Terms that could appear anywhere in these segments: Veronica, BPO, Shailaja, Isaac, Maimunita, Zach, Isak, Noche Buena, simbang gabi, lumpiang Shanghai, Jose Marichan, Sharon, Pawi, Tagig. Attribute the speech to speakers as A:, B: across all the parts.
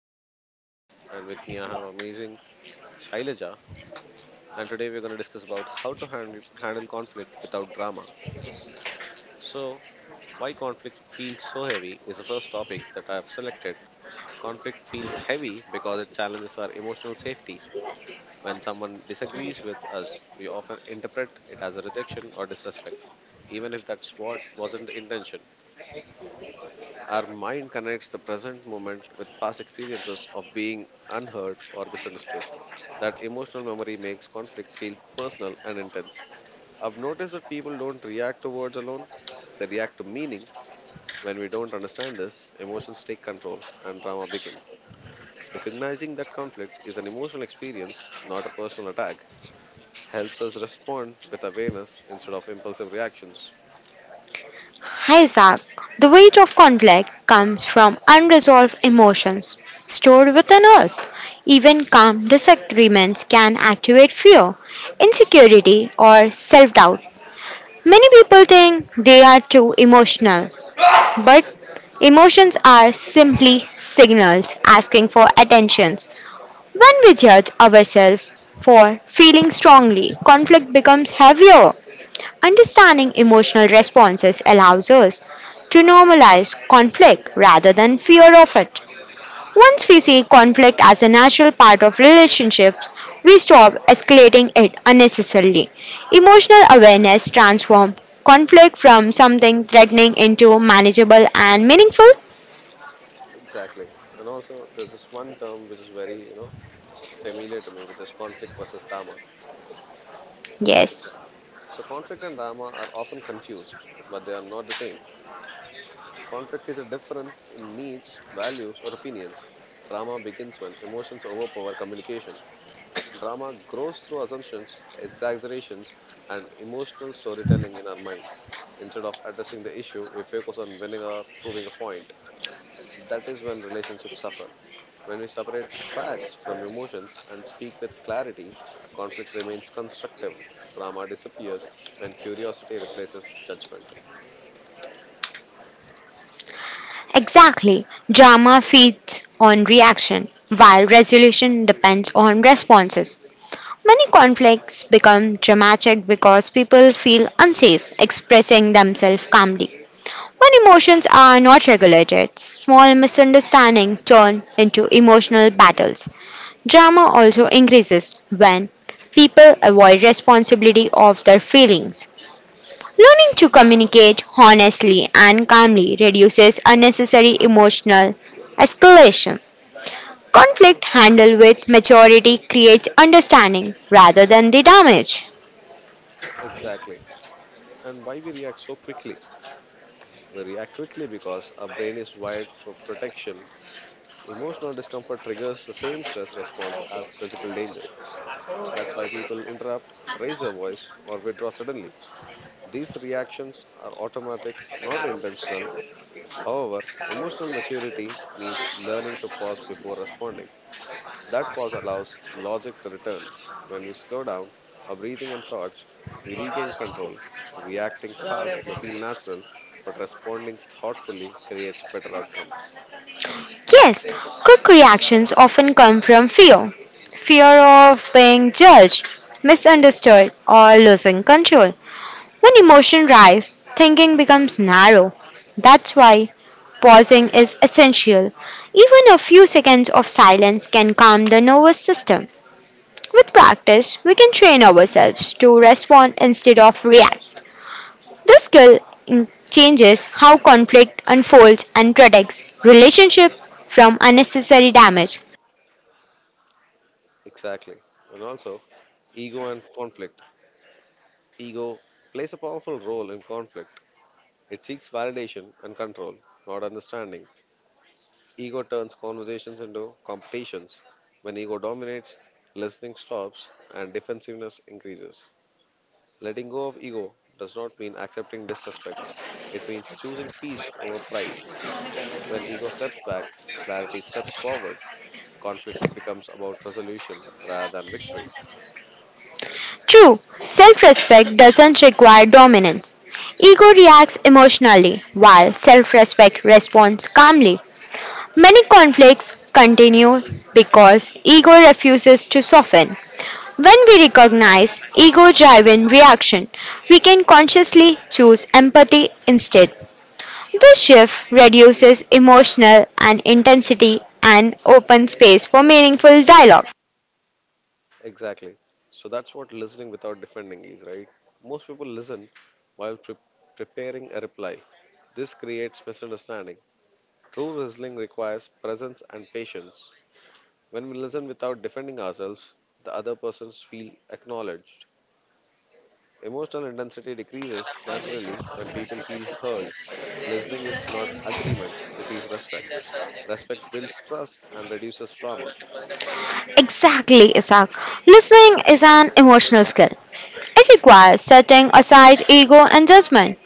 A: This is me, Isak, and with me I have amazing Shailaja. And today we're going to discuss about how to handle conflict without drama. So, why conflict feels so heavy is the first topic that I have selected. Conflict feels heavy because it challenges our emotional safety. When someone disagrees with us, we often interpret it as a rejection or disrespect, even if that's what wasn't the intention. Our mind connects the present moment with past experiences of being unheard or misunderstood. That emotional memory makes conflict feel personal and intense. I've noticed that people don't react to words alone, they react to meaning. When we don't understand this, emotions take control and drama begins. Recognizing that conflict is an emotional experience, not a personal attack, helps us respond with awareness instead of impulsive reactions.
B: Hi Zach. The weight of conflict comes from unresolved emotions stored within us. Even calm disagreements can activate fear, insecurity, or self doubt. Many people think they are too emotional, but emotions are simply signals asking for attentions. When we judge ourselves for feeling strongly, conflict becomes heavier. Understanding emotional responses allows us to normalize conflict rather than fear of it. Once we see conflict as a natural part of relationships, we stop escalating it unnecessarily. Emotional awareness transforms conflict from something threatening into manageable and meaningful.
A: Exactly. And also, there's this one term which is very, familiar to me, which is conflict versus drama.
B: Yes.
A: Exactly. So conflict and drama are often confused, but they are not the same. Conflict is a difference in needs, values, or opinions. Drama begins when emotions overpower communication. Drama grows through assumptions, exaggerations, and emotional storytelling in our mind. Instead of addressing the issue, we focus on winning or proving a point. That is when relationships suffer. When we separate facts from emotions and speak with clarity, conflict remains constructive. Drama disappears when curiosity replaces judgment.
B: Exactly. Drama feeds on reaction, while resolution depends on responses. Many conflicts become dramatic because people feel unsafe expressing themselves calmly. When emotions are not regulated, small misunderstandings turn into emotional battles. Drama also increases when people avoid responsibility of their feelings. Learning to communicate honestly and calmly reduces unnecessary emotional escalation. Conflict handled with maturity creates understanding rather than the damage.
A: Exactly. And why we react so quickly? We react quickly because our brain is wired for protection. Emotional discomfort triggers the same stress response as physical danger. That's why people interrupt, raise their voice, or withdraw suddenly. These reactions are automatic, not intentional. However, emotional maturity means learning to pause before responding. That pause allows logic to return. When we slow down our breathing and thoughts, we regain control. Reacting fast may feel natural, but responding thoughtfully creates better outcomes.
B: Yes, quick reactions often come from fear, of being judged, misunderstood, or losing control. When emotion rise, thinking becomes narrow. That's why pausing is essential. Even a few seconds of silence can calm the nervous system. With practice, we can train ourselves to respond instead of react. This skill in- changes how conflict unfolds and protects relationship from unnecessary damage.
A: Exactly. And also, ego and conflict. Ego plays a powerful role in conflict. It seeks validation and control, not understanding. Ego turns conversations into competitions. When ego dominates, listening stops and defensiveness increases. Letting go of ego does not mean accepting disrespect, it means choosing peace over pride. When ego steps back, clarity steps forward. Conflict becomes about resolution rather than victory.
B: True, self-respect doesn't require dominance. Ego reacts emotionally, while self respect responds calmly. Many conflicts continue because ego refuses to soften. When we recognize ego driven reaction, we can consciously choose empathy instead. This shift reduces emotional and intensity and opens space for meaningful dialogue.
A: Exactly. So that's what listening without defending is, right? Most people listen while preparing a reply. This creates misunderstanding. True listening requires presence and patience. When we listen without defending ourselves, the other persons feel acknowledged. Emotional intensity decreases naturally when people feel heard. Listening is not agreement, it is respect. Respect builds trust and reduces trauma.
B: Exactly, Isaac. Listening is an emotional skill. It requires setting aside ego and judgment.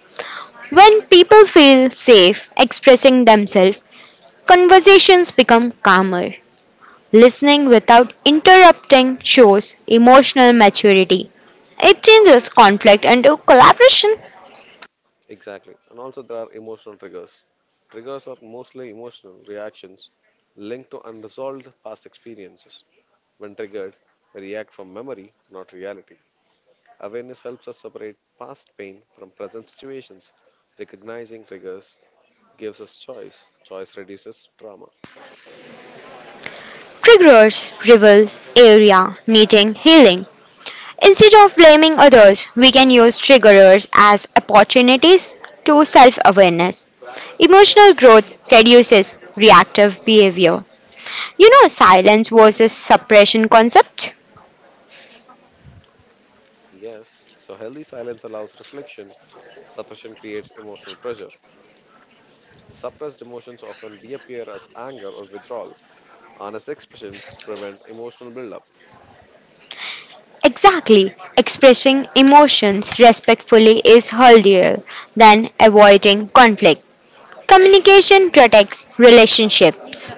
B: When people feel safe expressing themselves, conversations become calmer. Listening without interrupting shows emotional maturity. It changes conflict into collaboration.
A: Exactly. And also, there are emotional triggers. Triggers are mostly emotional reactions linked to unresolved past experiences. When triggered, we react from memory, not reality. Awareness helps us separate past pain from present situations. Recognizing triggers gives us choice. Choice reduces trauma.
B: Triggers reveals area needing healing. Instead of blaming others, we can use triggers as opportunities to self awareness. Emotional growth reduces reactive behavior. You know, silence versus suppression concept?
A: Yes, so healthy silence allows reflection. Suppression creates emotional pressure. Suppressed emotions often reappear as anger or withdrawal. Honest expressions prevent emotional buildup.
B: Exactly. Expressing emotions respectfully is healthier than avoiding conflict. Communication protects relationships.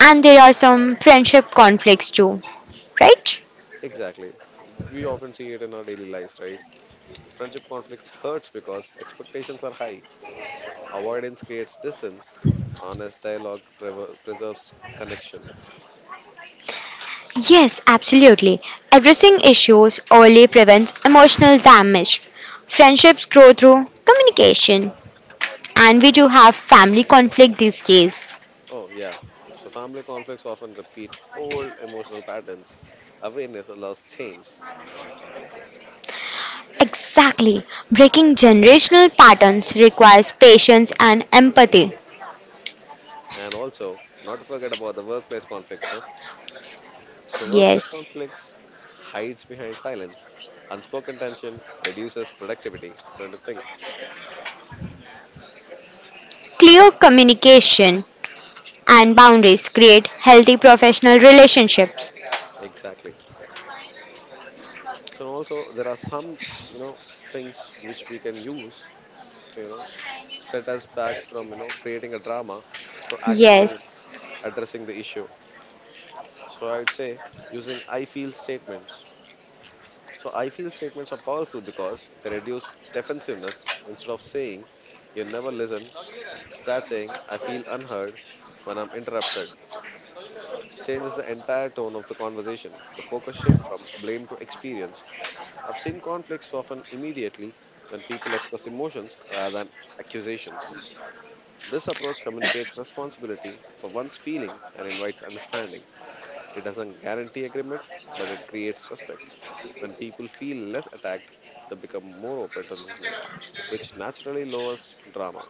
B: And there are some friendship conflicts too, right?
A: Exactly. We often see it in our daily lives, right? Friendship conflicts hurts because expectations are high. Avoidance creates distance. Honest dialogue preserves connection.
B: Yes, absolutely. Addressing issues early prevents emotional damage. Friendships grow through communication. And we do have family conflict these days.
A: Oh, yeah. So family conflicts often repeat old emotional patterns. Awareness allows change.
B: Exactly. Breaking generational patterns requires patience and empathy.
A: And also, not to forget about the workplace conflicts, huh? So workplace
B: Yes.
A: conflicts hides behind silence. Unspoken tension reduces productivity. Don't you think?
B: Clear communication and boundaries create healthy professional relationships.
A: Exactly. So also there are some you know things which we can use to set us back from creating a drama to actually
B: Yes.
A: addressing the issue. So I would say using I feel statements. So I feel statements are powerful because they reduce defensiveness instead of saying you never listen. Start saying I feel unheard when I'm interrupted. Changes the entire tone of the conversation. The focus shifts from blame to experience. I've seen conflicts often immediately when people express emotions rather than accusations. This approach communicates responsibility for one's feeling and invites understanding. It doesn't guarantee agreement, but it creates respect. When people feel less attacked, they become more open to listening, which naturally lowers drama.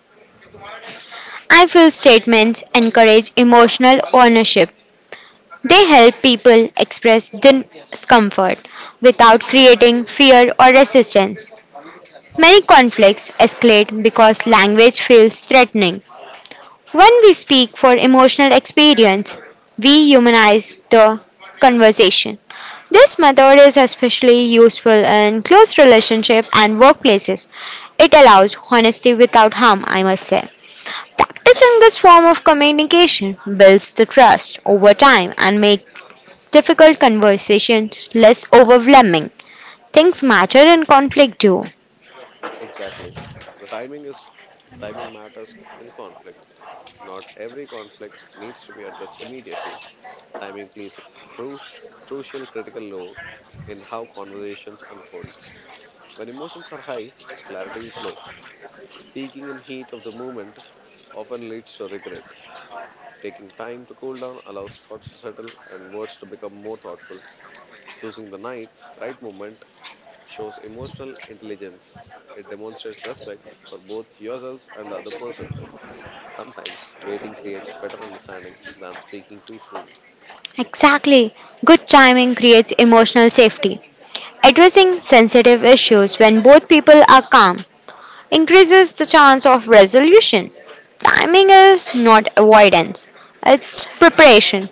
B: I feel statements encourage emotional ownership. They help people express discomfort without creating fear or resistance. Many conflicts escalate because language feels threatening. When we speak for emotional experience, we humanize the conversation. This method is especially useful in close relationships and workplaces. It allows honesty without harm, I must say. Practicing this form of communication builds the trust over time and makes difficult conversations less overwhelming. Things matter in conflict too.
A: Exactly. The timing is Timing matters in conflict. Not every conflict needs to be addressed immediately. Timing plays a cru- crucial critical role in how conversations unfold. When emotions are high, clarity is low. Speaking in heat of the moment often leads to regret. Taking time to cool down allows thoughts to settle and words to become more thoughtful. Choosing the right moment shows emotional intelligence. It demonstrates respect for both yourselves and the other person. Sometimes waiting creates better understanding than speaking too soon.
B: Exactly. Good timing creates emotional safety. Addressing sensitive issues when both people are calm increases the chance of resolution. Timing is not avoidance, it's preparation.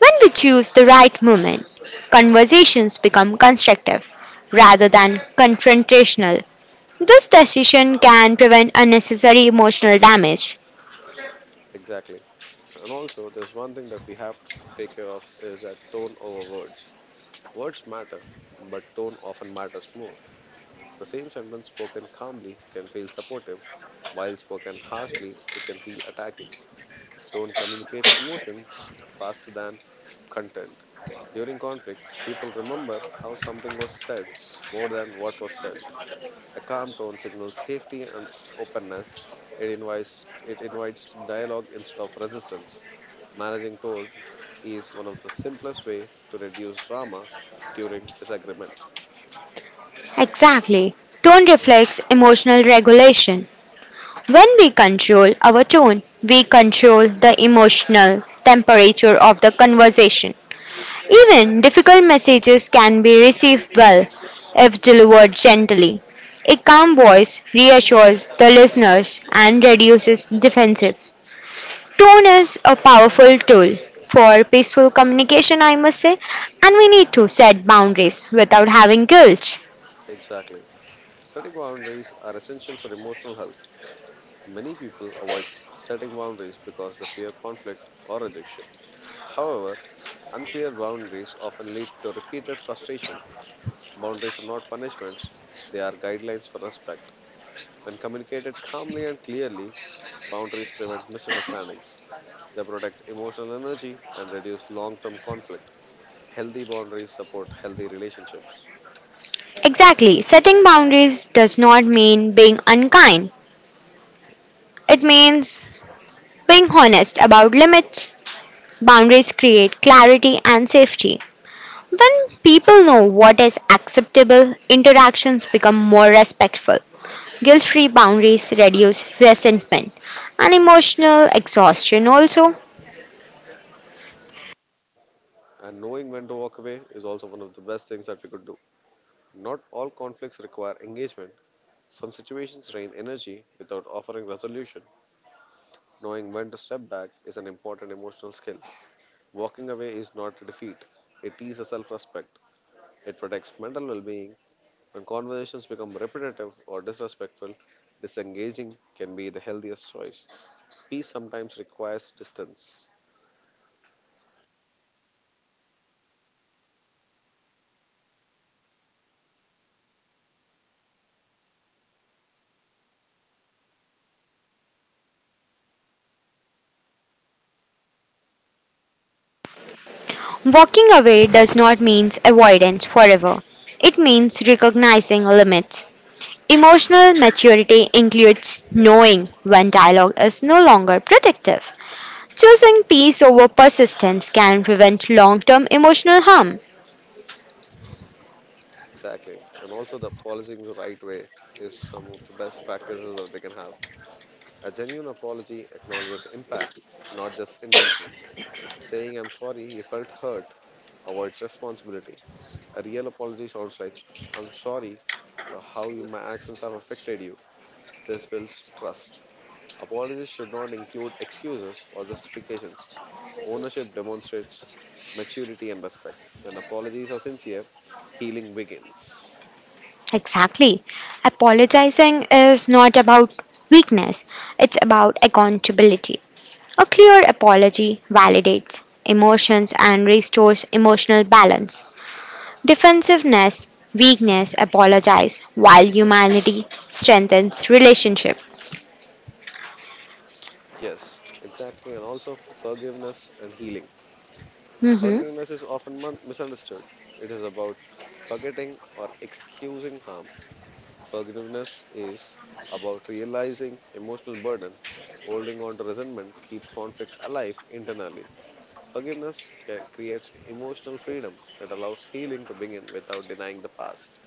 B: When we choose the right moment, conversations become constructive rather than confrontational. This decision can prevent unnecessary emotional damage.
A: Exactly. And also, there's one thing that we have to take care of is that tone over words. Words matter, but tone often matters more. The same sentence spoken calmly can feel supportive, while spoken harshly, it can feel attacking. Tone communicates emotions faster than content. During conflict, people remember how something was said more than what was said. A calm tone signals safety and openness. It invites dialogue instead of resistance. Managing tone is one of the simplest way to reduce drama during disagreement.
B: Exactly. Tone reflects emotional regulation. When we control our tone, we control the emotional temperature of the conversation. Even difficult messages can be received well if delivered gently. A calm voice reassures the listeners and reduces defensive. Tone is a powerful tool for peaceful communication, I must say, and we need to set boundaries without having guilt.
A: Exactly. Setting boundaries are essential for emotional health. Many people avoid setting boundaries because they fear conflict or rejection. However, unclear boundaries often lead to repeated frustration. Boundaries are not punishments, they are guidelines for respect. When communicated calmly and clearly, boundaries prevent misunderstandings. They protect emotional energy and reduce long term conflict. Healthy boundaries support healthy relationships.
B: Exactly, setting boundaries does not mean being unkind. It means being honest about limits, boundaries create clarity and safety. When people know what is acceptable, interactions become more respectful. Guilt free boundaries reduce resentment and emotional exhaustion also.
A: Clear. And knowing when to walk away is also one of the best things that we could do. Not all conflicts require engagement. Some situations drain energy without offering resolution. Knowing when to step back is an important emotional skill. Walking away is not a defeat, it is a self respect. It protects mental well being. When conversations become repetitive or disrespectful, disengaging can be the healthiest choice. Peace sometimes requires distance.
B: Walking away does not mean avoidance forever, it means recognizing limits. Emotional maturity includes knowing when dialogue is no longer productive. Choosing peace over persistence can prevent long term emotional harm.
A: Exactly. And also, the apologizing the right way is some of the best practices that we can have. A genuine apology acknowledges impact, not just intention. Saying, I'm sorry, you felt hurt, avoids responsibility. A real apology sounds like, I'm sorry for my actions have affected you. This builds trust. Apologies should not include excuses or justifications. Ownership demonstrates maturity and respect. When apologies are sincere, healing begins.
B: Exactly. Apologizing is not about weakness, it's about accountability. A clear apology validates emotions and restores emotional balance. Defensiveness, weakness, apologize, while humanity strengthens relationship.
A: Yes, exactly. And also forgiveness and healing.
B: Mhm.
A: Forgiveness is often misunderstood. It is about forgetting or excusing harm. Forgiveness is about realizing emotional burden. Holding on to resentment keeps conflict alive internally. Forgiveness creates emotional freedom that allows healing to begin without denying the past.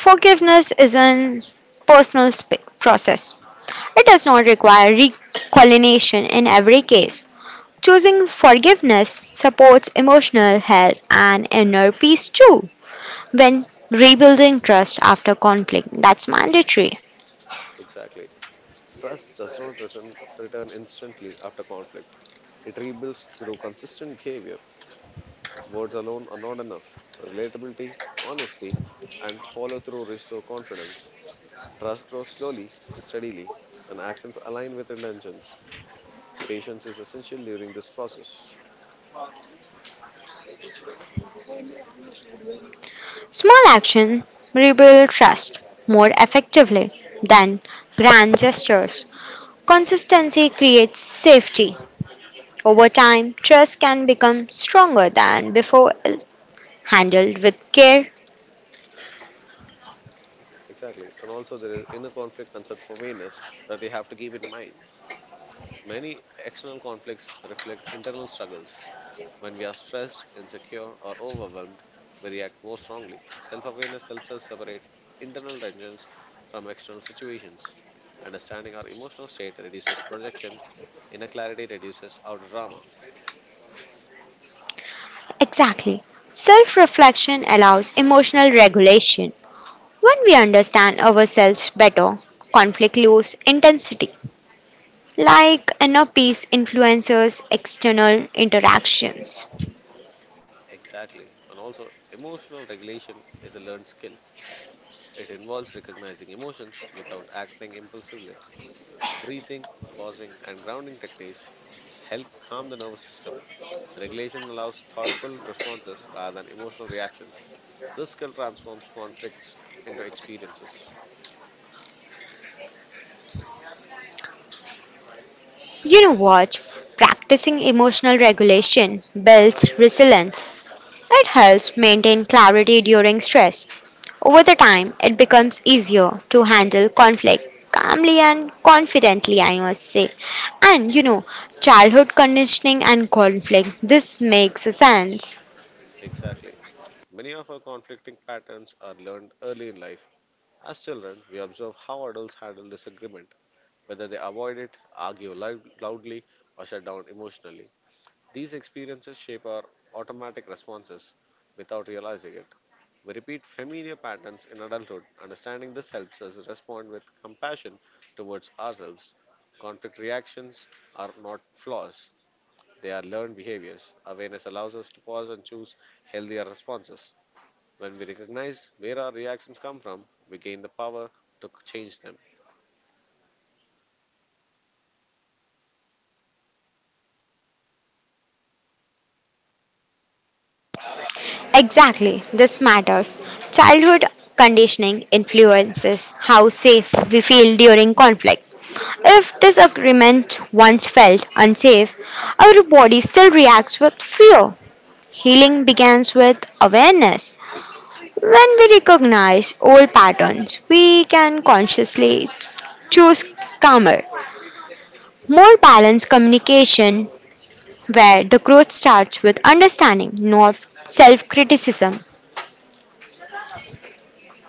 B: Forgiveness is a personal process. It does not require reconciliation in every case. Choosing forgiveness supports emotional health and inner peace too. When rebuilding trust after conflict, that's mandatory.
A: Exactly. Trust does not return instantly after conflict. It rebuilds through consistent behavior. Words alone are not enough. Relatability, honesty, and follow through restore confidence. Trust grows slowly but steadily, and actions align with intentions. Patience is essential during this process.
B: Small action rebuild trust more effectively than grand gestures. Consistency creates safety. Over time, trust can become stronger than before handled with care.
A: Exactly. And also, there is inner conflict and self awareness that you have to keep in mind. Many external conflicts reflect internal struggles. When we are stressed, insecure, or overwhelmed, we react more strongly. Self awareness helps us separate internal tensions from external situations. Understanding our emotional state reduces projection, inner clarity reduces outer drama.
B: Exactly. Self reflection allows emotional regulation. When we understand ourselves better, conflict loses intensity, like inner peace influences external interactions.
A: Exactly. And also, emotional regulation is a learned skill. It involves recognizing emotions without acting impulsively. Breathing, pausing, and grounding techniques help calm the nervous system. Regulation allows thoughtful responses rather than emotional reactions. This skill transforms conflicts into experiences.
B: You know what? Practicing emotional regulation builds resilience. It helps maintain clarity during stress. Over the time, it becomes easier to handle conflict calmly and confidently, I must say. And you know, childhood conditioning and conflict, this makes sense.
A: Exactly. Many of our conflicting patterns are learned early in life. As children, we observe how adults handle disagreement, whether they avoid it, argue loudly, or shut down emotionally. These experiences shape our automatic responses without realizing it. We repeat familiar patterns in adulthood. Understanding this helps us respond with compassion towards ourselves. Conflict reactions are not flaws, they are learned behaviors. Awareness allows us to pause and choose healthier responses. When we recognize where our reactions come from, we gain the power to change them.
B: Exactly, this matters. Childhood conditioning influences how safe we feel during conflict. If disagreement once felt unsafe, our body still reacts with fear. Healing begins with awareness. When we recognize old patterns, we can consciously choose calmer, more balanced communication where the growth starts with understanding, not self criticism.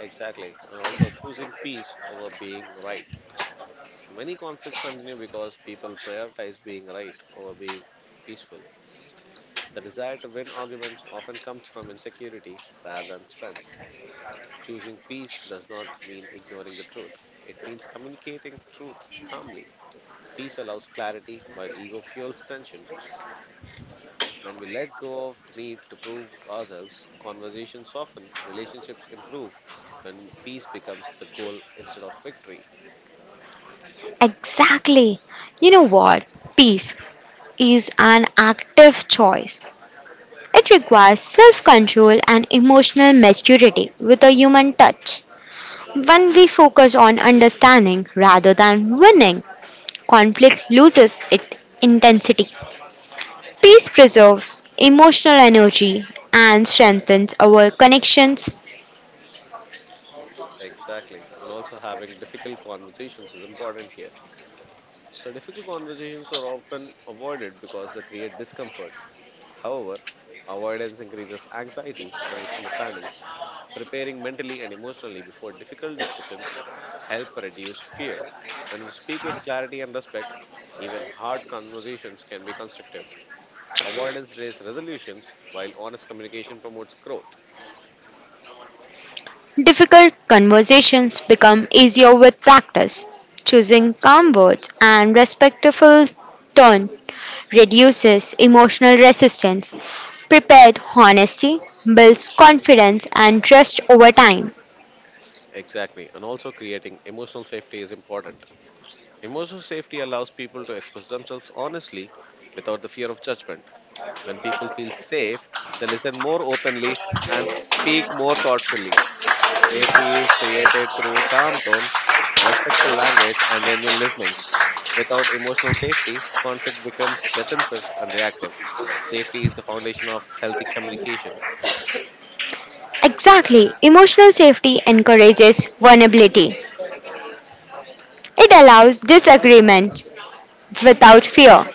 A: Exactly, and also choosing peace over being right. So many conflicts continue because people prioritize being right over being peaceful. The desire to win arguments often comes from insecurity rather than strength. Choosing peace does not mean ignoring the truth, it means communicating truth calmly. Peace allows clarity while ego fuels tension. When we let go of the need to prove ourselves, conversations soften, relationships improve when peace becomes the goal instead of victory.
B: Exactly. You know what? Peace is an active choice. It requires self control and emotional maturity with a human touch. When we focus on understanding rather than winning, conflict loses its intensity. Peace preserves emotional energy and strengthens our connections.
A: Exactly. And also having difficult conversations is important here. So, difficult conversations are often avoided because they create discomfort. However, avoidance increases anxiety and misunderstanding. Preparing mentally and emotionally before difficult discussions help reduce fear. When we speak with clarity and respect, even hard conversations can be constructive. Avoidance delays resolutions, while honest communication promotes growth.
B: Difficult conversations become easier with practice. Choosing calm words and respectful tone reduces emotional resistance. Prepared honesty builds confidence and trust over time.
A: Exactly, and also creating emotional safety is important. Emotional safety allows people to express themselves honestly without the fear of judgment. When people feel safe, they listen more openly and speak more thoughtfully. Safety is created through calm tone, respectful language, and genuine listenings. Without emotional safety, conflict becomes defensive and reactive. Safety is the foundation of healthy communication.
B: Exactly, emotional safety encourages vulnerability. It allows disagreement without fear.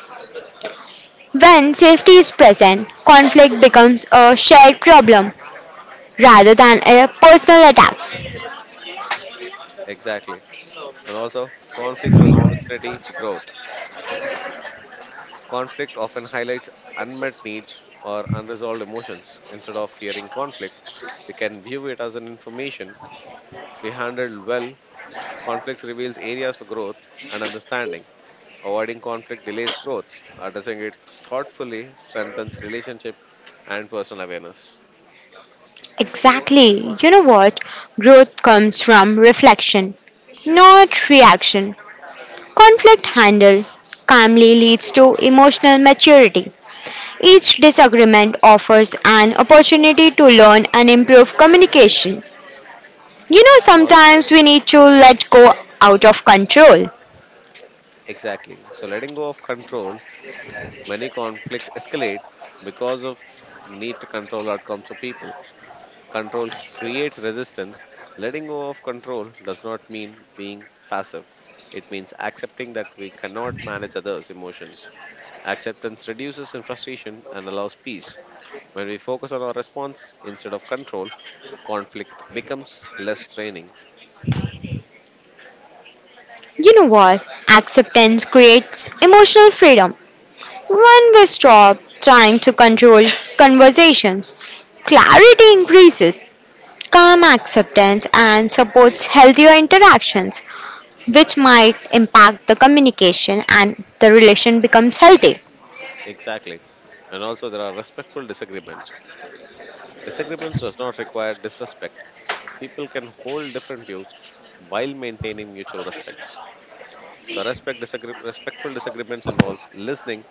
B: When safety is present, conflict becomes a shared problem rather than a personal attack.
A: Exactly. And also, conflicts are an opportunity for growth. Conflict often highlights unmet needs or unresolved emotions. Instead of fearing conflict, we can view it as an information we handled well. Conflicts reveals areas for growth and understanding. Avoiding conflict delays growth. Addressing it thoughtfully strengthens relationship and personal awareness.
B: Exactly. You know what? Growth comes from reflection, not reaction. Conflict handled calmly leads to emotional maturity. Each disagreement offers an opportunity to learn and improve communication. You know,
A: And all
B: sometimes we need to let go out of control.
A: exactly. So letting go of control, many conflicts escalate because of need to control outcomes for people. Control creates resistance. Letting go of control does not mean being passive. It means accepting that we cannot manage others' emotions. Acceptance reduces in frustration and allows peace. When we focus on our response instead of control, conflict becomes less draining.
B: You know what? Acceptance creates emotional freedom. When we stop trying to control conversations, clarity increases. Calm acceptance and supports healthier interactions, which might impact the communication and the relation becomes healthy.
A: Exactly. And also, there are respectful disagreements. Disagreements does not require disrespect. People can hold different views while maintaining mutual respects. So respectful disagreements involves listening,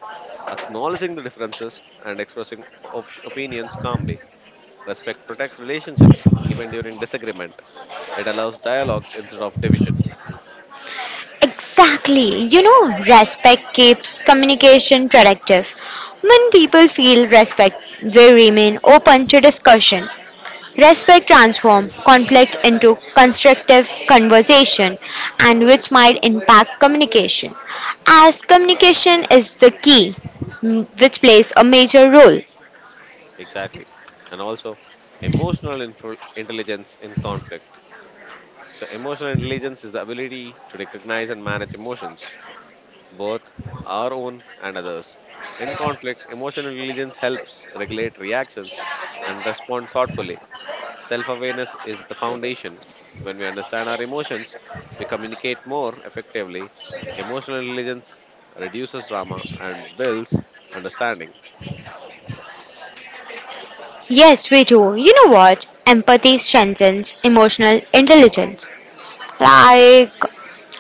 A: acknowledging the differences, and expressing opinions calmly. Respect protects relationships even during disagreement. It allows dialogue instead of division.
B: Exactly. You know, respect keeps communication productive. When people feel respect, they remain open to discussion. Respect transforms conflict into constructive conversation and which might impact communication as communication is the key which plays a major role.
A: Exactly. And also, intelligence in conflict. So, emotional intelligence is the ability to recognize and manage emotions, both our own and others. In conflict, emotional intelligence helps regulate reactions and respond thoughtfully. Self awareness is the foundation. When we understand our emotions, we communicate more effectively. Emotional intelligence reduces drama and builds understanding.
B: Yes, we do. You know what? Empathy strengthens emotional intelligence. Like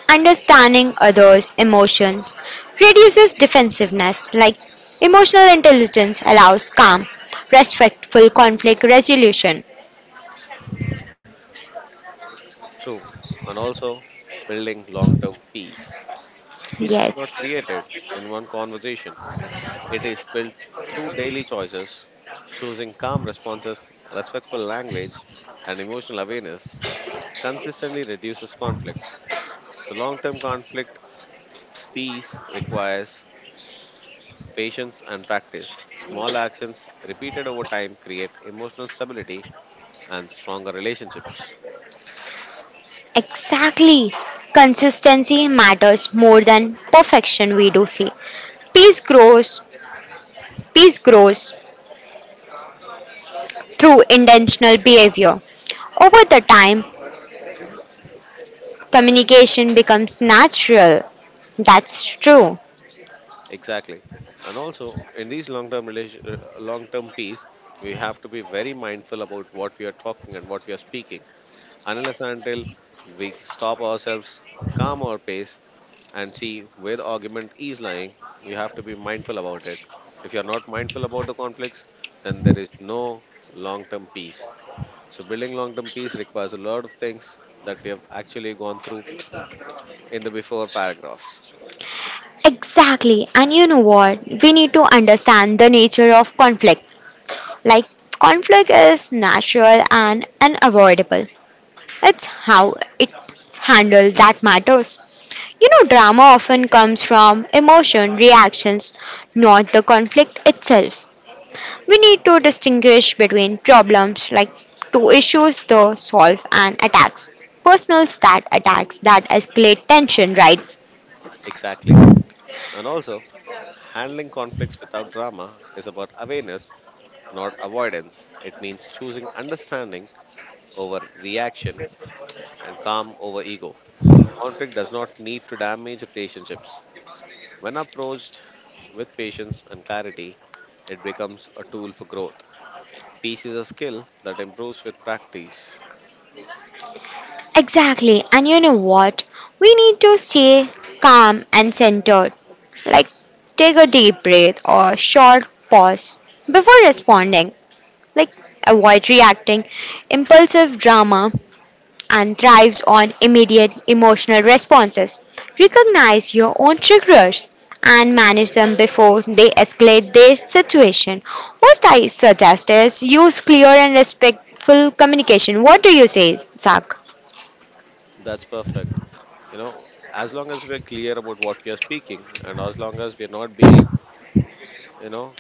B: understanding others' emotions reduces defensiveness. Like emotional intelligence allows calm, respectful conflict resolution.
A: True. And also building long term peace. Peace is not
B: Yes.
A: created in one conversation, it is built through daily choices, choosing calm responses, respectful language, and emotional awareness consistently reduces conflict. So, long term conflict peace requires patience, and practice. Small actions repeated over time create emotional stability and stronger relationships.
B: Exactly. Consistency matters more than perfection, we do see. Peace grows, peace grows through intentional behavior. Over the time, communication becomes natural. That's true.
A: Exactly. And also, in these long-term relation, long-term peace, we have to be very mindful about what we are talking and what we are speaking. Unless and until we stop ourselves, calm our pace, and see where the argument is lying, you have to be mindful about it. If you are not mindful about the conflicts, then there is no long-term peace. So building long-term peace requires a lot of things that we have actually gone through in the before paragraphs.
B: Exactly. And you know what? We need to understand the nature of conflict. Like, conflict is natural and unavoidable. It's how it's handled that matters. You know, drama often comes from emotion, reactions, not the conflict itself. We need to distinguish between problems like two issues the solve and attacks. Personals that attacks that escalate tension, right?
A: Exactly. And also, handling conflicts without drama is about awareness, not avoidance. It means choosing understanding over reaction and calm over ego. Conflict does not need to damage relationships. When approached with patience and clarity, it becomes a tool for growth. Peace is a skill that improves with practice.
B: Exactly. And you know what? We need to stay calm and centered. Like take a deep breath or short pause before responding. Like avoid reacting, impulsive drama, and thrives on immediate emotional responses. Recognize your own triggers and manage them before they escalate their situation. What I suggest is use clear and respectful communication. What do you say, Zach?
A: That's perfect. You know, as long as we're clear about what we are speaking and as long as we're not being, you know,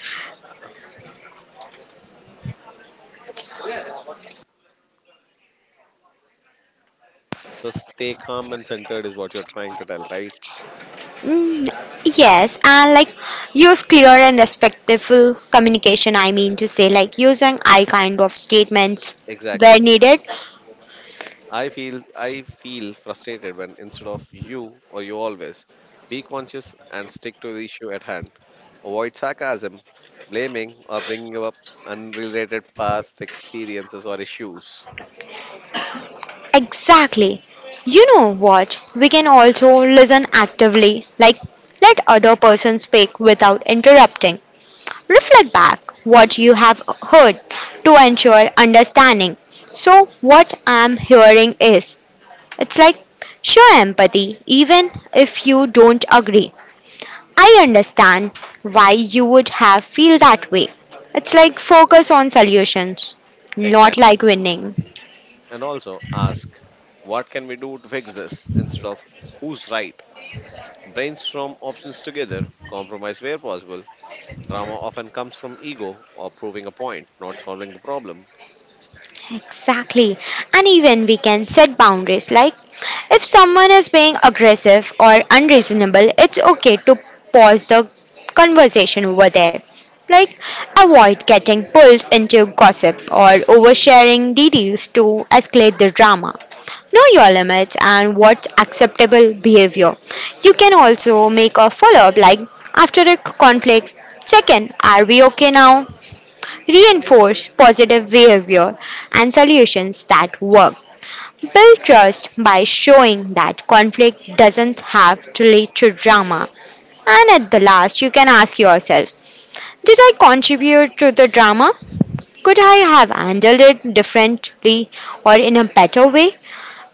A: so stay calm and centered is what you're trying to tell, right?
B: Mm, yes, and like use clear and respectful communication. I mean to say, like using I kind of statements where
A: Exactly.
B: needed.
A: i feel I feel frustrated when, instead of you or you always, be conscious and stick to the issue at hand. Avoid sarcasm, blaming, or bringing up unrelated past experiences or issues.
B: Exactly. You know what? We can also listen actively, like let other person speak without interrupting. Reflect back what you have heard to ensure understanding. So what I'm hearing is it's like show empathy even if you don't agree. I understand why you would have feel that way. It's like focus on solutions, not
A: Exactly.
B: like winning.
A: And also ask, what can we do to fix this instead of who's right? Brainstorm options together, compromise where possible. Drama often comes from ego or proving a point, not solving the problem.
B: Exactly. And even we can set boundaries like if someone is being aggressive or unreasonable, it's okay to pause the conversation over there. Like avoid getting pulled into gossip or oversharing details to escalate the drama. Know your limits and what's acceptable behavior. You can also make a follow up like after a conflict check in. Are we okay now? Reinforce positive behavior and solutions that work. Build
A: Exactly.
B: trust by showing that conflict doesn't have to lead to drama. And at the last, you can ask yourself did I contribute to the drama? Could I have handled it differently or in a better way?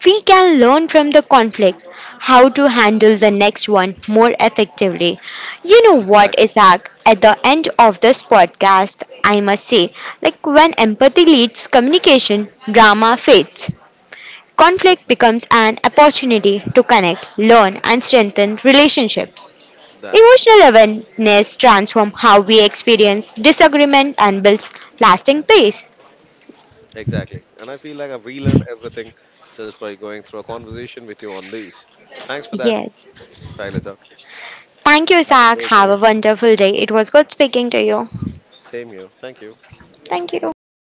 B: We can learn from the conflict how to handle the next one more effectively. You know what,
A: Exactly.
B: Isaac? At the end of this podcast, I must say, like when empathy leads communication, drama fades. Conflict
A: Perfect.
B: becomes an opportunity to connect, learn, and strengthen relationships.
A: That's
B: Emotional awareness transforms how we experience disagreement and builds lasting peace.
A: exactly. And I feel like I've relearned everything just by going through a conversation with you on this. Thanks for that,
B: Yes.
A: Shailaja.
B: Thank you,
A: Have a
B: Isaac.
A: great
B: Have
A: day.
B: a wonderful day. It was good speaking to you.
A: Same here. Thank you.
B: Thank you.